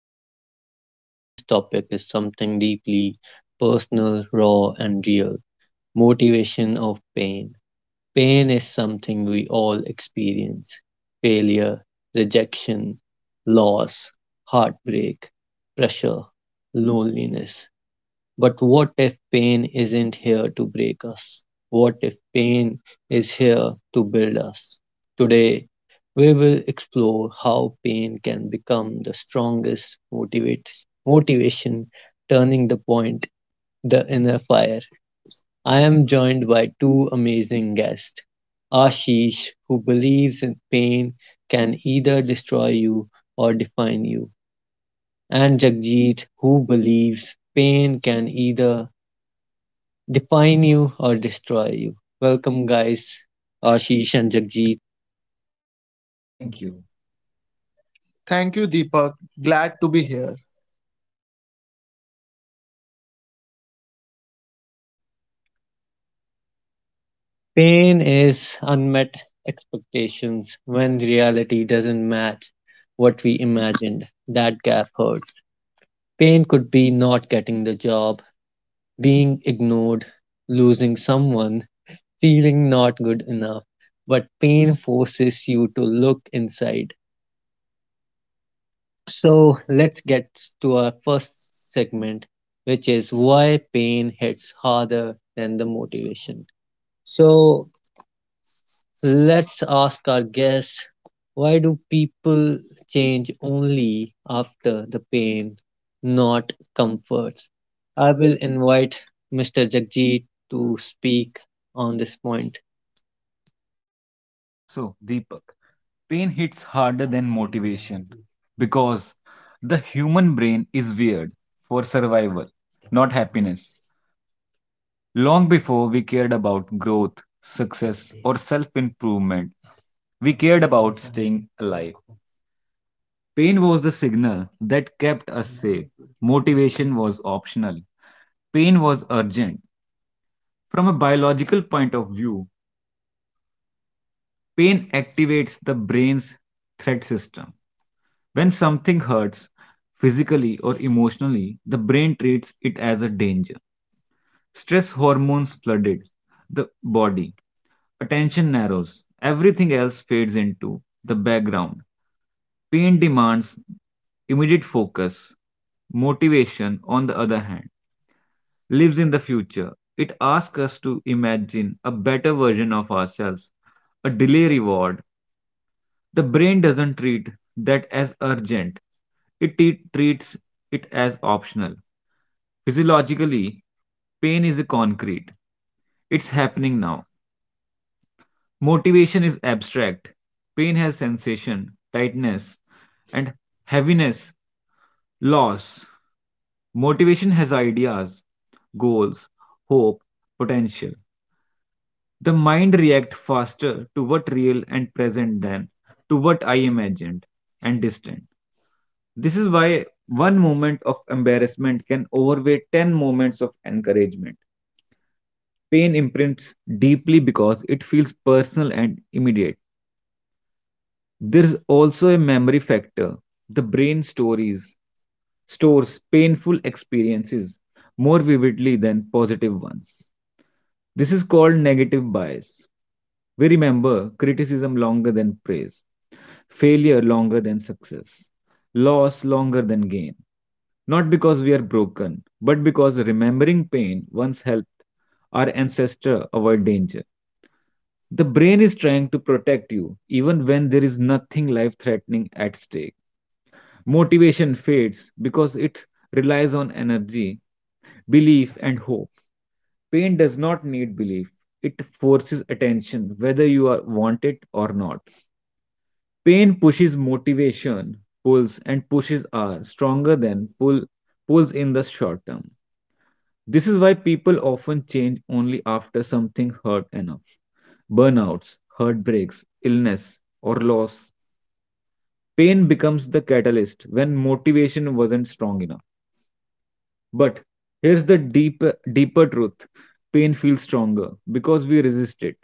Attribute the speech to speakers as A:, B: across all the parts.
A: podcast. Today's topic is something deeply personal, raw, and real motivation of pain. Pain is something we all experience: failure, rejection, loss, heartbreak, pressure, loneliness. But what if pain isn't here to break us? What if pain is here to build us? Today, we will explore how pain can become the strongest motivation, turning the point, the inner fire. I am joined by two amazing guests: Ashish, who believes in pain can either destroy you or define you, and Jagjit, who believes pain can either define you or destroy you. Welcome, guys, Ashish and Jagjeet.
B: Thank
C: Thank
B: you.
C: you. Thank you, Deepak. Glad to be here.
A: Pain is unmet expectations when reality doesn't match what we imagined. That gap hurts. Pain could be not getting the job, being ignored, losing someone, feeling not good enough. But pain forces you to look inside. So let's get to our first segment, which is why pain hits harder than the motivation. So let's ask our guests: why do people change only after the pain, not comfort? I will invite Mr. Jagjit to speak on this point.
B: So, Deepak, pain hits harder than motivation because the human brain is weird for survival, not happiness. Long before we cared about growth, success, or self improvement, we cared about staying alive. Pain was the signal that kept us safe, motivation was optional, pain was urgent. From a biological point of view, pain activates the brain's threat system. When something hurts physically or emotionally, the brain treats it as a danger. Stress hormones flooded the body. Attention narrows. Everything else fades into the background. Pain demands immediate focus. Motivation, on the other hand, lives in the future. It asks us to imagine a better version of ourselves, a delay reward, the brain doesn't treat that as urgent. It treats it as optional. Physiologically, pain is concrete. It's happening now. Motivation is abstract. Pain has sensation, tightness, and heaviness, loss. Motivation has ideas, goals, hope, potential. The mind reacts faster to what real and present than to what I imagined and distant. This is why one moment of embarrassment can overweigh 10 moments of encouragement. Pain imprints deeply because it feels personal and immediate. There's also a memory factor. The brain stories stores painful experiences more vividly than positive ones. This is called negative bias. We remember criticism longer than praise, failure longer than success, loss longer than gain. Not because we are broken, but because remembering pain once helped our ancestor avoid danger. The brain is trying to protect you even when there is nothing life threatening at stake. Motivation fades because it relies on energy, belief, and hope. Pain does not need belief, it forces attention whether you are want it or not. Pain pushes motivation, pulls and pushes are stronger than pulls in the short term. This is why people often change only after something hurt enough. Burnouts, heartbreaks, illness, or loss. Pain becomes the catalyst when motivation wasn't strong enough. But here's the deeper truth, pain feels stronger because we resist it.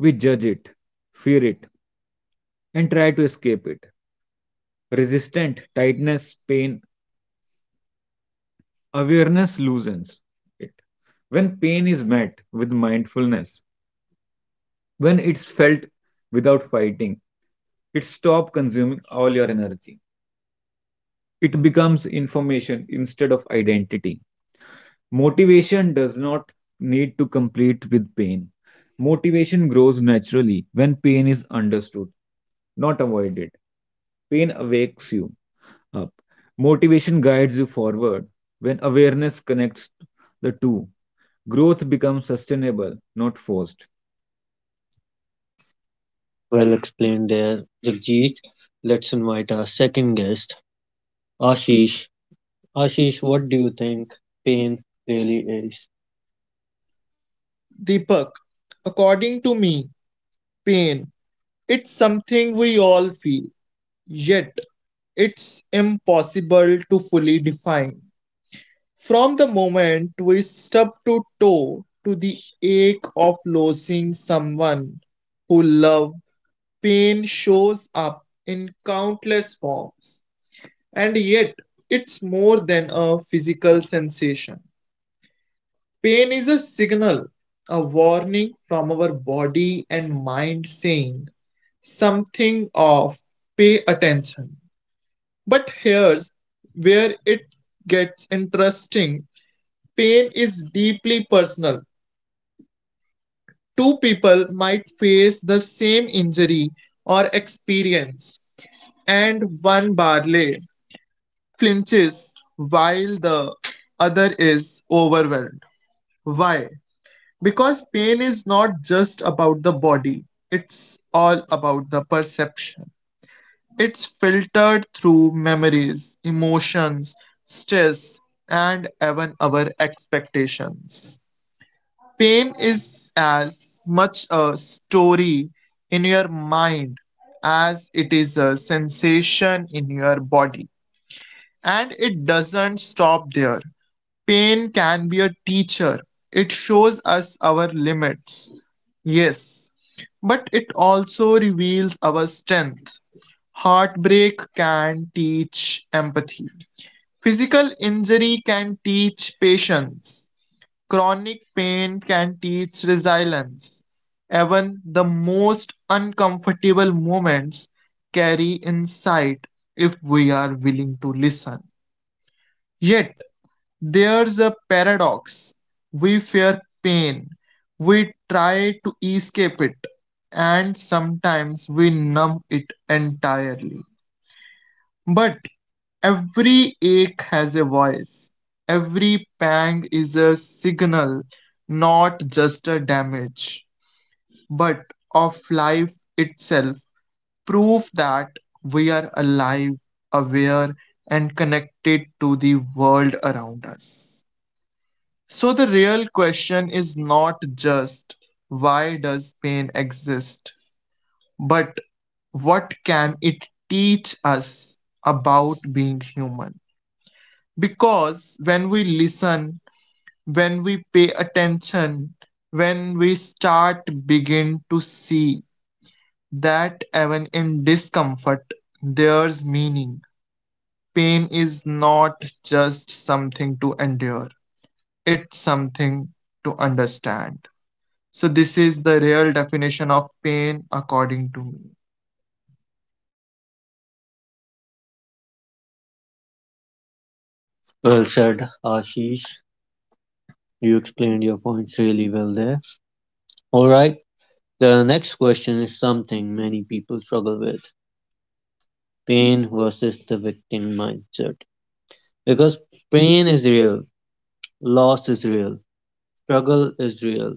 B: We judge it, fear it, and try to escape it. Resistant, tightness, pain, awareness loosens it. When pain is met with mindfulness, when it's felt without fighting, it stops consuming all your energy. It becomes information instead of identity. Motivation does not need to compete with pain. Motivation grows naturally when pain is understood, not avoided. Pain awakes you up. Motivation guides you forward when awareness connects the two. Growth becomes sustainable, not forced.
A: Well explained there, Jagjit. Let's invite our second guest, Ashish. Ashish, what do you think pain really is?
C: Deepak, according to me, pain, it's something we all feel, yet it's impossible to fully define. From the moment we stub to toe to the ache of losing someone who love, pain shows up in countless forms, and yet it's more than a physical sensation. Pain is a signal, a warning from our body and mind saying something off, pay attention. But here's where it gets interesting. Pain is deeply personal. Two people might face the same injury or experience, and one barely flinches while the other is overwhelmed. Why? Because pain is not just about the body, it's all about the perception. It's filtered through memories, emotions, stress, and even our expectations. Pain is as much a story in your mind as it is a sensation in your body. And it doesn't stop there. Pain can be a teacher. It shows us our limits. Yes, but it also reveals our strength. Heartbreak can teach empathy. Physical injury can teach patience. Chronic pain can teach resilience. Even the most uncomfortable moments carry insight if we are willing to listen. Yet, there's a paradox. We fear pain, we try to escape it, and sometimes we numb it entirely. But every ache has a voice. Every pang is a signal, not just a damage, but of life itself. Proof that we are alive, aware, and connected to the world around us. So the real question is not just why does pain exist, but what can it teach us about being human? Because when we listen, when we pay attention, when we start begin to see that even in discomfort there's meaning. Pain is not just something to endure, it's something to understand. So, this is the real definition of pain, according to me.
A: Well said, Ashish. You explained your points really well there. Alright, the next question is something many people struggle with: pain versus the victim mindset. Because pain is real, loss is real, struggle is real,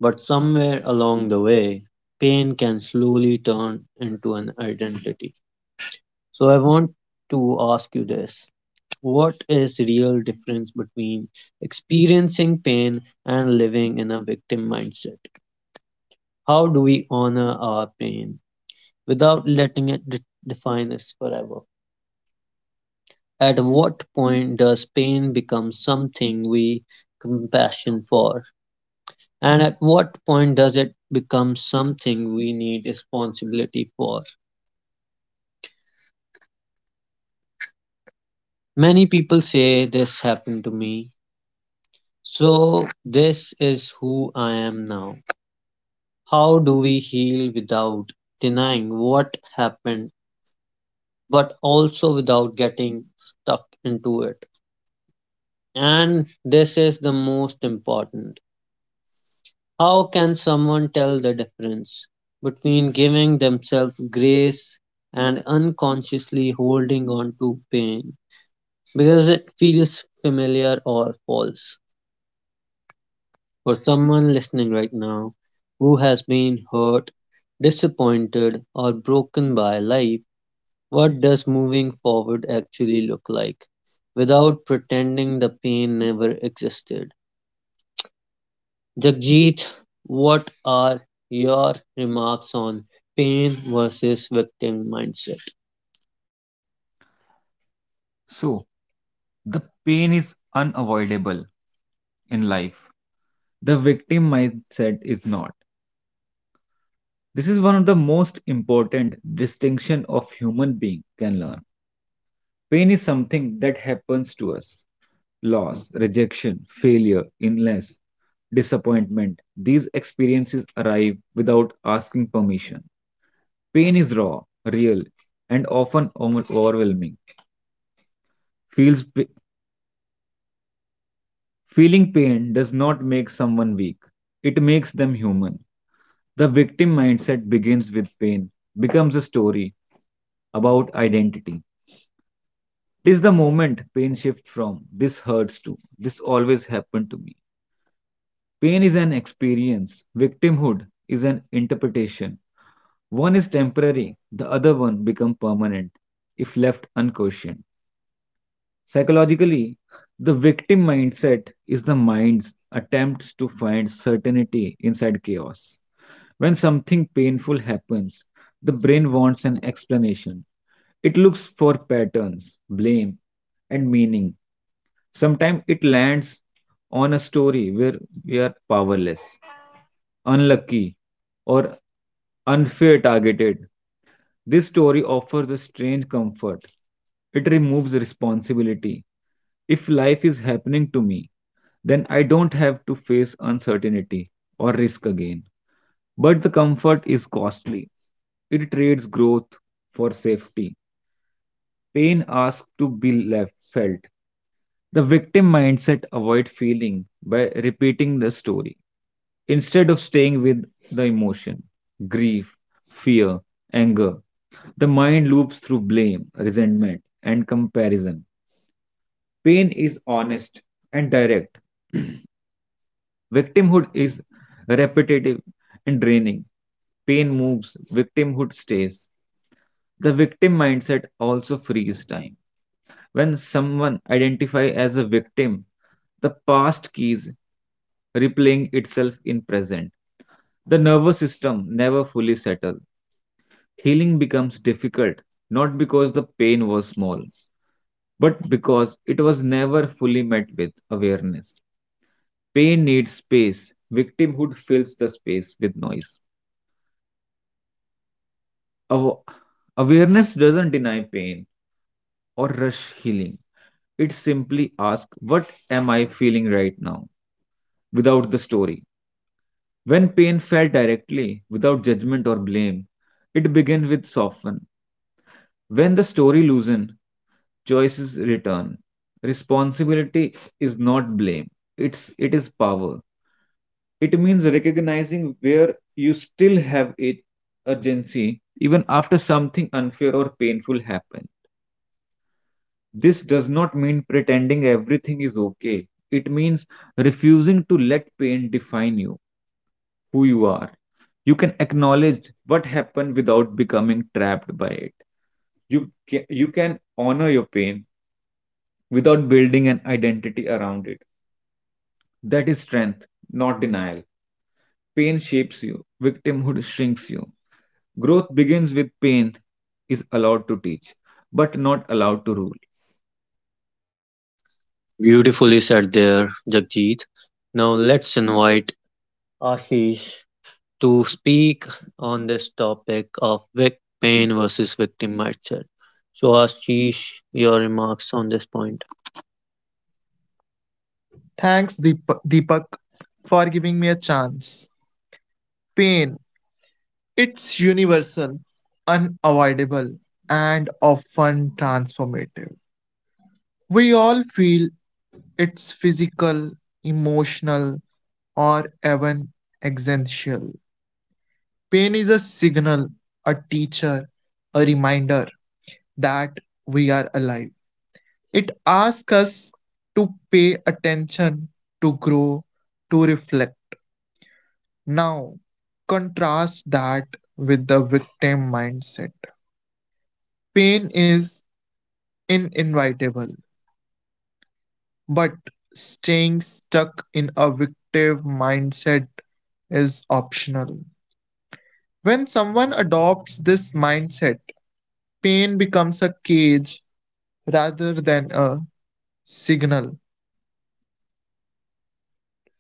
A: but somewhere along the way, pain can slowly turn into an identity. So, I want to ask you this: what is real difference between experiencing pain and living in a victim mindset? How do we honor our pain without letting it define us forever? At what point does pain become something we compassion for, and at what point does it become something we need responsibility for? Many people say this happened to me, so this is who I am now. How do we heal without denying what happened, but also without getting stuck into it? And this is the most important. How can someone tell the difference between giving themselves grace and unconsciously holding on to pain because it feels familiar or false? For someone listening right now who has been hurt, disappointed, or broken by life, what does moving forward actually look like without pretending the pain never existed? Jagjit, what are your remarks on pain versus victim mindset?
B: So, the pain is unavoidable in life. The victim mindset is not. This is one of the most important distinction of human being can learn. Pain is something that happens to us. Loss, rejection, failure, illness, disappointment. These experiences arrive without asking permission. Pain is raw, real, and often overwhelming. Feels pa- feeling pain does not make someone weak. It makes them human. The victim mindset begins with pain, becomes a story about identity. It is the moment pain shifts from this hurts to this always happened to me. Pain is an experience, victimhood is an interpretation. One is temporary, the other one becomes permanent if left unquestioned. Psychologically, the victim mindset is the mind's attempt to find certainty inside chaos. When something painful happens, the brain wants an explanation. It looks for patterns, blame, and meaning. Sometimes it lands on a story where we are powerless, unlucky, or unfair targeted. This story offers a strange comfort. It removes responsibility. If life is happening to me, then I don't have to face uncertainty or risk again. But the comfort is costly. It trades growth for safety. Pain asks to be left felt. The victim mindset avoid feeling by repeating the story instead of staying with the emotion, grief, fear, anger. The mind loops through blame, resentment, and comparison. Pain is honest and direct. Victimhood is repetitive and draining. Pain moves, victimhood stays. The victim mindset also frees time. When someone identifies as a victim, the past keys replaying itself in present. The nervous system never fully settles. Healing becomes difficult not because the pain was small, but because it was never fully met with awareness. Pain needs space. Victimhood fills the space with noise. Aw- Awareness doesn't deny pain or rush healing. It simply asks, what am I feeling right now? Without the story. When pain felt directly, without judgment or blame, it began with soften. When the story loosen, choices return. Responsibility is not blame. It is power. It means recognizing where you still have a urgency even after something unfair or painful happens. This does not mean pretending everything is okay. It means refusing to let pain define you, who you are. You can acknowledge what happened without becoming trapped by it. You can honor your pain without building an identity around it. That is strength, not denial. Pain shapes you, victimhood shrinks you. Growth begins with pain is allowed to teach, but not allowed to rule.
A: Beautifully said there, Jagjit. Now let's invite Ashish to speak on this topic of pain versus victim mindset. So, Ashish, your remarks on this point.
C: Thanks, Deepak, for giving me a chance. Pain, it's universal, unavoidable, and often transformative. We all feel it's physical, emotional, or even existential. Pain is a signal, a teacher, a reminder that we are alive. It asks us to pay attention, to grow, to reflect. Now, contrast that with the victim mindset. Pain is inevitable, but staying stuck in a victim mindset is optional. When someone adopts this mindset, pain becomes a cage rather than a signal.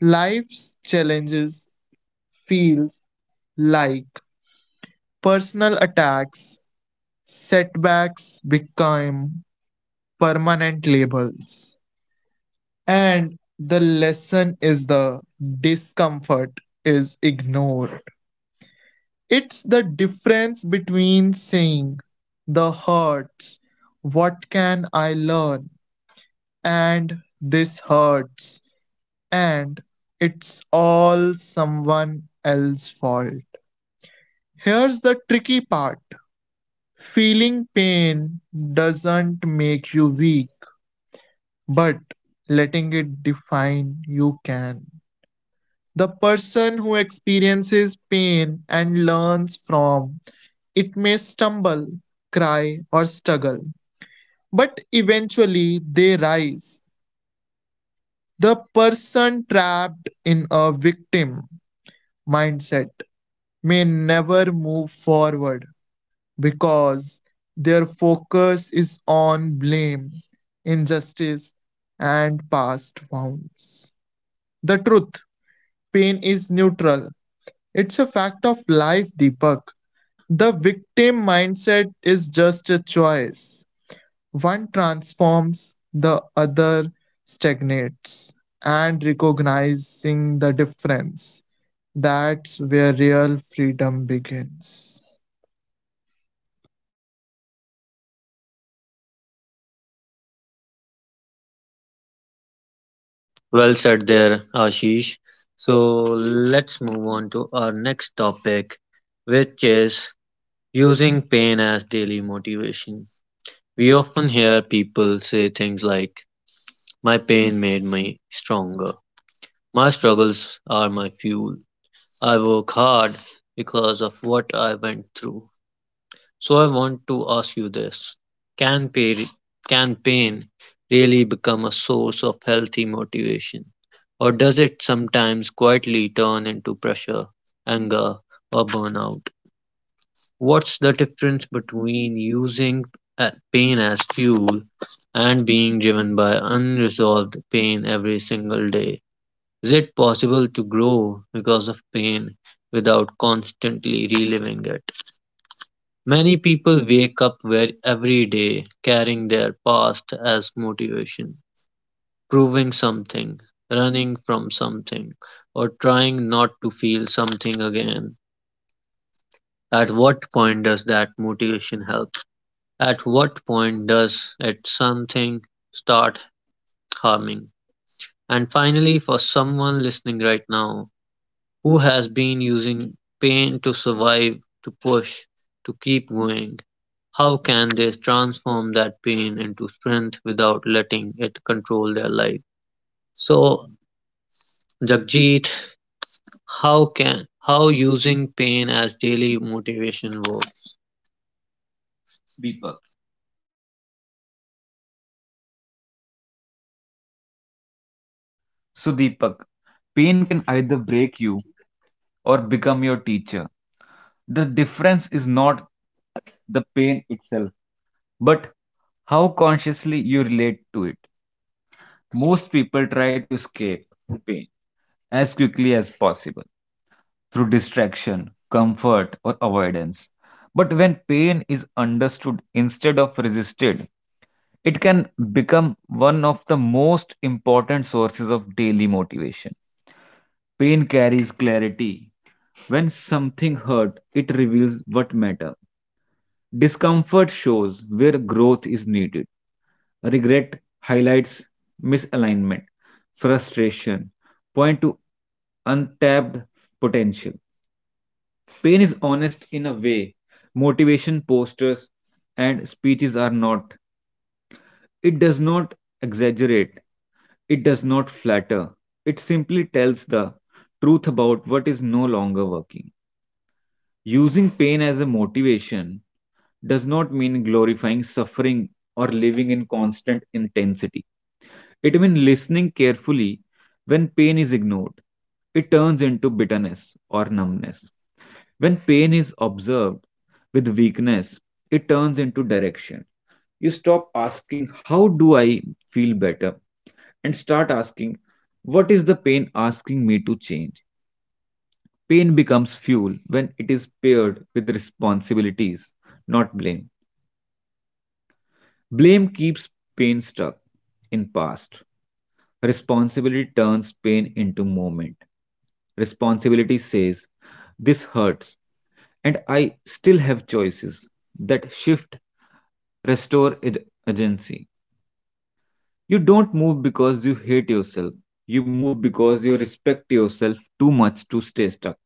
C: Life's challenges feels like personal attacks, setbacks become permanent labels. And the lesson is the discomfort is ignored. It's the difference between saying the hurts, what can I learn, and this hurts, and it's all someone else's fault. Here's the tricky part. Feeling pain doesn't make you weak, but letting it define you can. The person who experiences pain and learns from it may stumble, cry, or struggle, but eventually they rise. The person trapped in a victim mindset may never move forward because their focus is on blame, injustice, and past wounds. The truth, pain is neutral, it's a fact of life, Deepak. The victim mindset is just a choice. One transforms, the other stagnates. And recognizing the difference, that's where real freedom begins.
A: Well said there, Ashish. So let's move on to our next topic, which is using pain as daily motivation. We often hear people say things like, my pain made me stronger. My struggles are my fuel. I work hard because of what I went through. So I want to ask you this. Can pain, can pain really become a source of healthy motivation? Or does it sometimes quietly turn into pressure, anger, or burnout? What's the difference between using pain as fuel and being driven by unresolved pain every single day? Is it possible to grow because of pain without constantly reliving it? Many people wake up where every day carrying their past as motivation, proving something, running from something, or trying not to feel something again. At what point does that motivation help? At what point does it something start harming? And finally, for someone listening right now who has been using pain to survive, to push, to keep going? How can they transform that pain into strength without letting it control their life? So, Jagjit, how using pain as daily motivation works? Deepak.
B: So, Deepak, pain can either break you or become your teacher. The difference is not the pain itself, but how consciously you relate to it. Most people try to escape pain as quickly as possible through distraction, comfort, or avoidance. But when pain is understood instead of resisted, it can become one of the most important sources of daily motivation. Pain carries clarity. When something hurt, it reveals what matter. Discomfort shows where growth is needed. Regret highlights misalignment. Frustration point to untapped potential. Pain is honest in a way motivation posters and speeches are not. It does not exaggerate, it does not flatter, it simply tells the truth about what is no longer working. Using pain as a motivation does not mean glorifying suffering or living in constant intensity. It means listening carefully when pain is ignored. It turns into bitterness or numbness. When pain is observed with weakness, it turns into direction. You stop asking, how do I feel better? And start asking, what is the pain asking me to change? Pain becomes fuel when it is paired with responsibilities, not blame. Blame keeps pain stuck in past. Responsibility turns pain into movement. Responsibility says, this hurts, and I still have choices that shift, restore agency. You don't move because you hate yourself. You move because you respect yourself too much to stay stuck.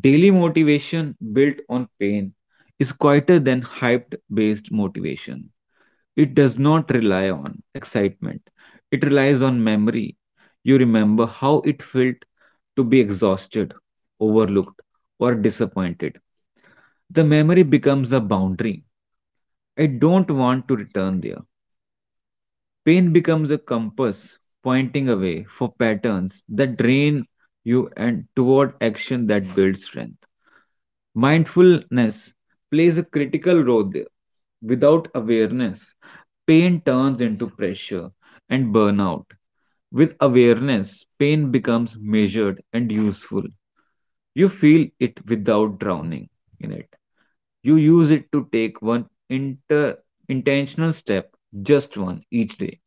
B: Daily motivation built on pain is quieter than hyped based motivation. It does not rely on excitement, it relies on memory. You remember how it felt to be exhausted, overlooked, or disappointed. The memory becomes a boundary. I don't want to return there. Pain becomes a compass pointing away for patterns that drain you and toward action that builds strength. Mindfulness plays a critical role there. Without awareness, pain turns into pressure and burnout. With awareness, pain becomes measured and useful. You feel it without drowning in it. You use it to take one intentional step, just one each day,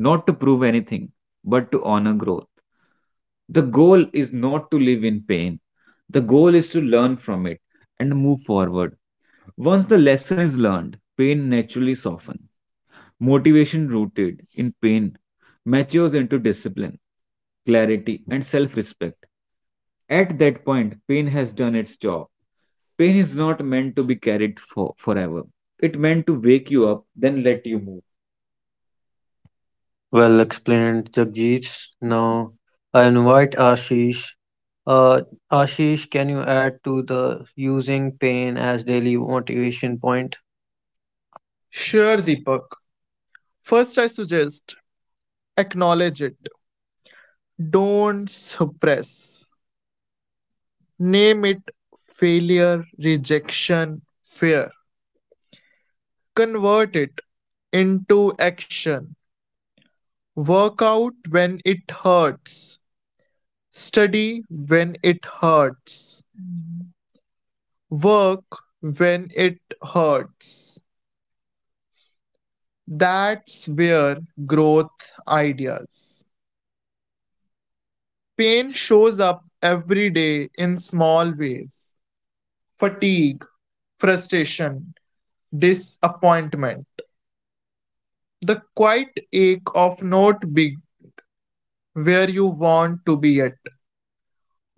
B: not to prove anything, but to honor growth. The goal is not to live in pain, the goal is to learn from it and move forward. Once the lesson is learned, pain naturally softens. Motivation rooted in pain matures into discipline, clarity, and self respect. At that point, pain has done its job. Pain is not meant to be carried for forever. It meant to wake you up, then let you move.
A: Well explained, Jagjit. Now I invite Ashish. Uh, Ashish, can you add to the using pain as daily motivation point?
C: Sure, Deepak. First, I suggest, acknowledge it. Don't suppress. Name it, failure, rejection, fear. Convert it into action. Work out when it hurts. Study when it hurts. Work when it hurts. That's where growth ideas. Pain shows up every day in small ways, fatigue, frustration, disappointment, the quiet ache of not being where you want to be yet.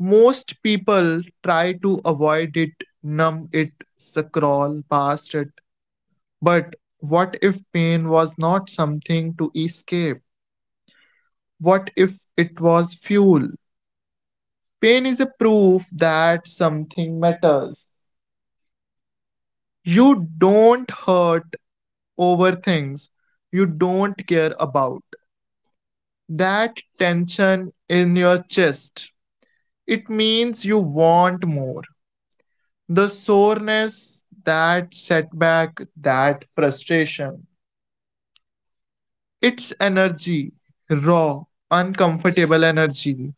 C: Most people try to avoid it, numb it, scroll past it. But what if pain was not something to escape? What if it was fuel? Pain is a proof that something matters. You don't hurt over things you don't care about. That tension in your chest, it means you want more. The soreness, that setback, that frustration. It's energy, raw, uncomfortable energy,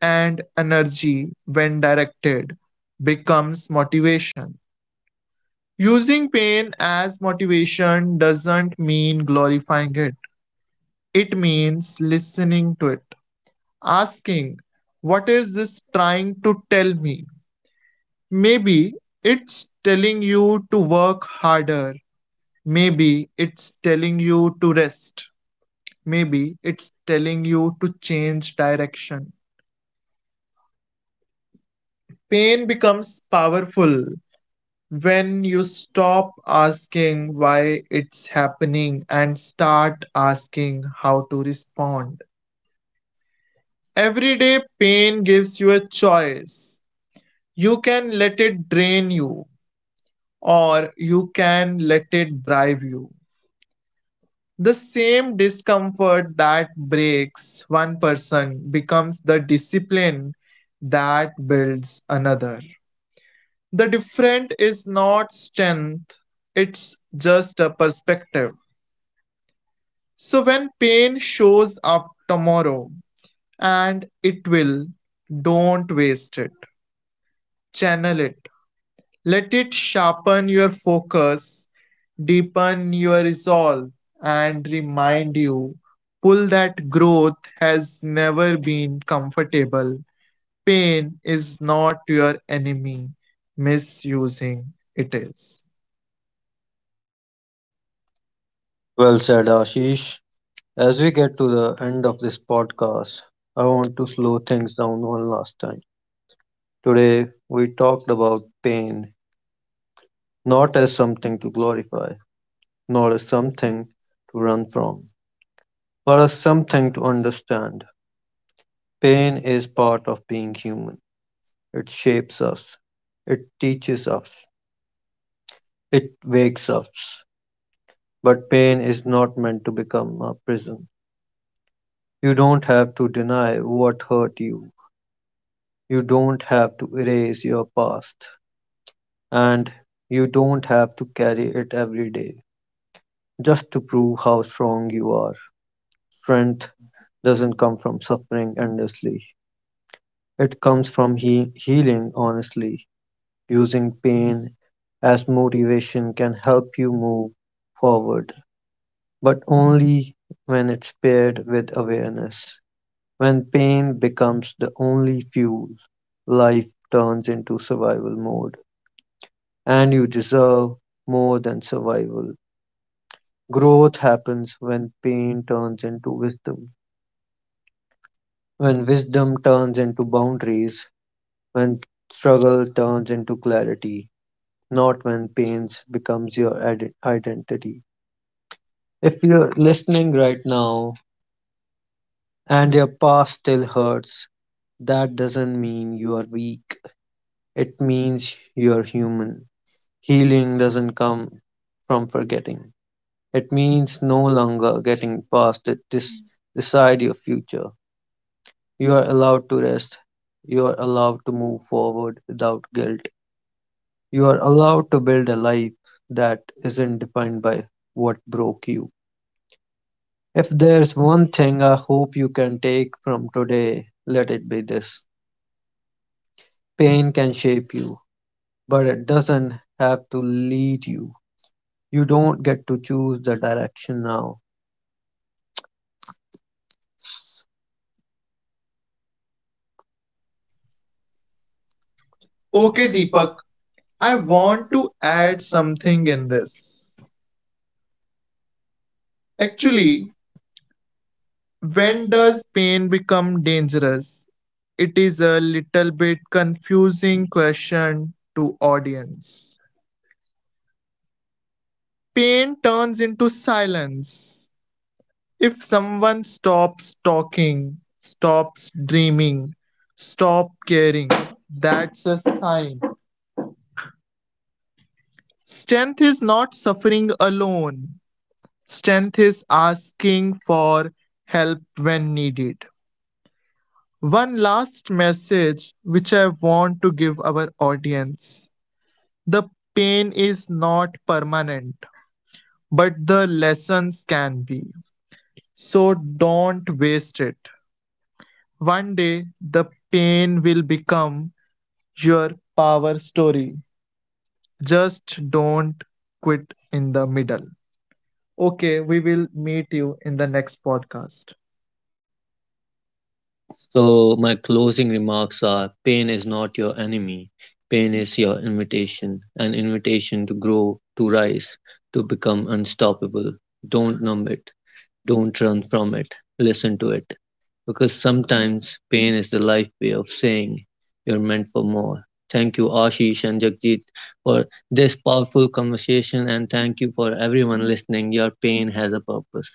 C: and energy, when directed, becomes motivation. Using pain as motivation doesn't mean glorifying it, it means listening to it. Asking, what is this trying to tell me? Maybe it's telling you to work harder. Maybe it's telling you to rest. Maybe it's telling you to change direction. Pain becomes powerful when you stop asking why it's happening and start asking how to respond. Everyday pain gives you a choice. You can let it drain you, or you can let it drive you. The same discomfort that breaks one person becomes the discipline that builds another. The different is not strength, it's just a perspective. So when pain shows up tomorrow, and it will, don't waste it, channel it. Let it sharpen your focus, deepen your resolve, and remind you pull that growth has never been comfortable. Pain is not your enemy, misusing it is.
A: Well said, Ashish. As we get to the end of this podcast, I want to slow things down one last time. Today, we talked about pain not as something to glorify, not as something to run from, but as something to understand. Pain is part of being human. It shapes us, it teaches us, it wakes us. But pain is not meant to become a prison. You don't have to deny what hurt you. You don't have to erase your past. And you don't have to carry it every day just to prove how strong you are. Strength doesn't come from suffering endlessly. It comes from healing honestly. Using pain as motivation can help you move forward, but only when it's paired with awareness. When pain becomes the only fuel, life turns into survival mode, and you deserve more than survival. Growth happens when pain turns into wisdom, when wisdom turns into boundaries, when struggle turns into clarity, not when pain becomes your identity. If you're listening right now and your past still hurts, that doesn't mean you are weak. It means you're human. Healing doesn't come from forgetting. It means no longer getting past it. This decide your future. You are allowed to rest. You are allowed to move forward without guilt. You are allowed to build a life that isn't defined by what broke you. If there's one thing I hope you can take from today, let it be this. Pain can shape you, but it doesn't have to lead you. You don't get to choose the direction now.
B: Okay,
C: Okay,
A: Okay,
B: Deepak,
A: Deepak,
C: Deepak, I
B: I
A: I
C: want
A: want to
C: to
A: add
C: add
A: something
C: something
A: in
C: in
A: this.
C: this. Actually,
A: Actually, when
C: when
A: does
C: does pain become dangerous? It is a little bit confusing question to audience, pain turns into silence. If someone stops talking, stops dreaming, stops caring, that's a sign. Strength is not suffering alone. Strength is asking for help when needed. One last message which I want to give our audience. The pain is not permanent, but the lessons can be. So don't waste it. One day, the pain will become your power story. Just don't quit in the middle. Okay, we will meet you in the next podcast.
A: So, my closing remarks are: pain is not your enemy, pain is your invitation, an invitation to grow, to rise, to become unstoppable. Don't numb it, don't run from it, listen to it. Because sometimes pain is the life way of saying you're meant for more. Thank you, Ashish and Jagjit, for this powerful conversation, and thank you for everyone listening. Your pain has a purpose.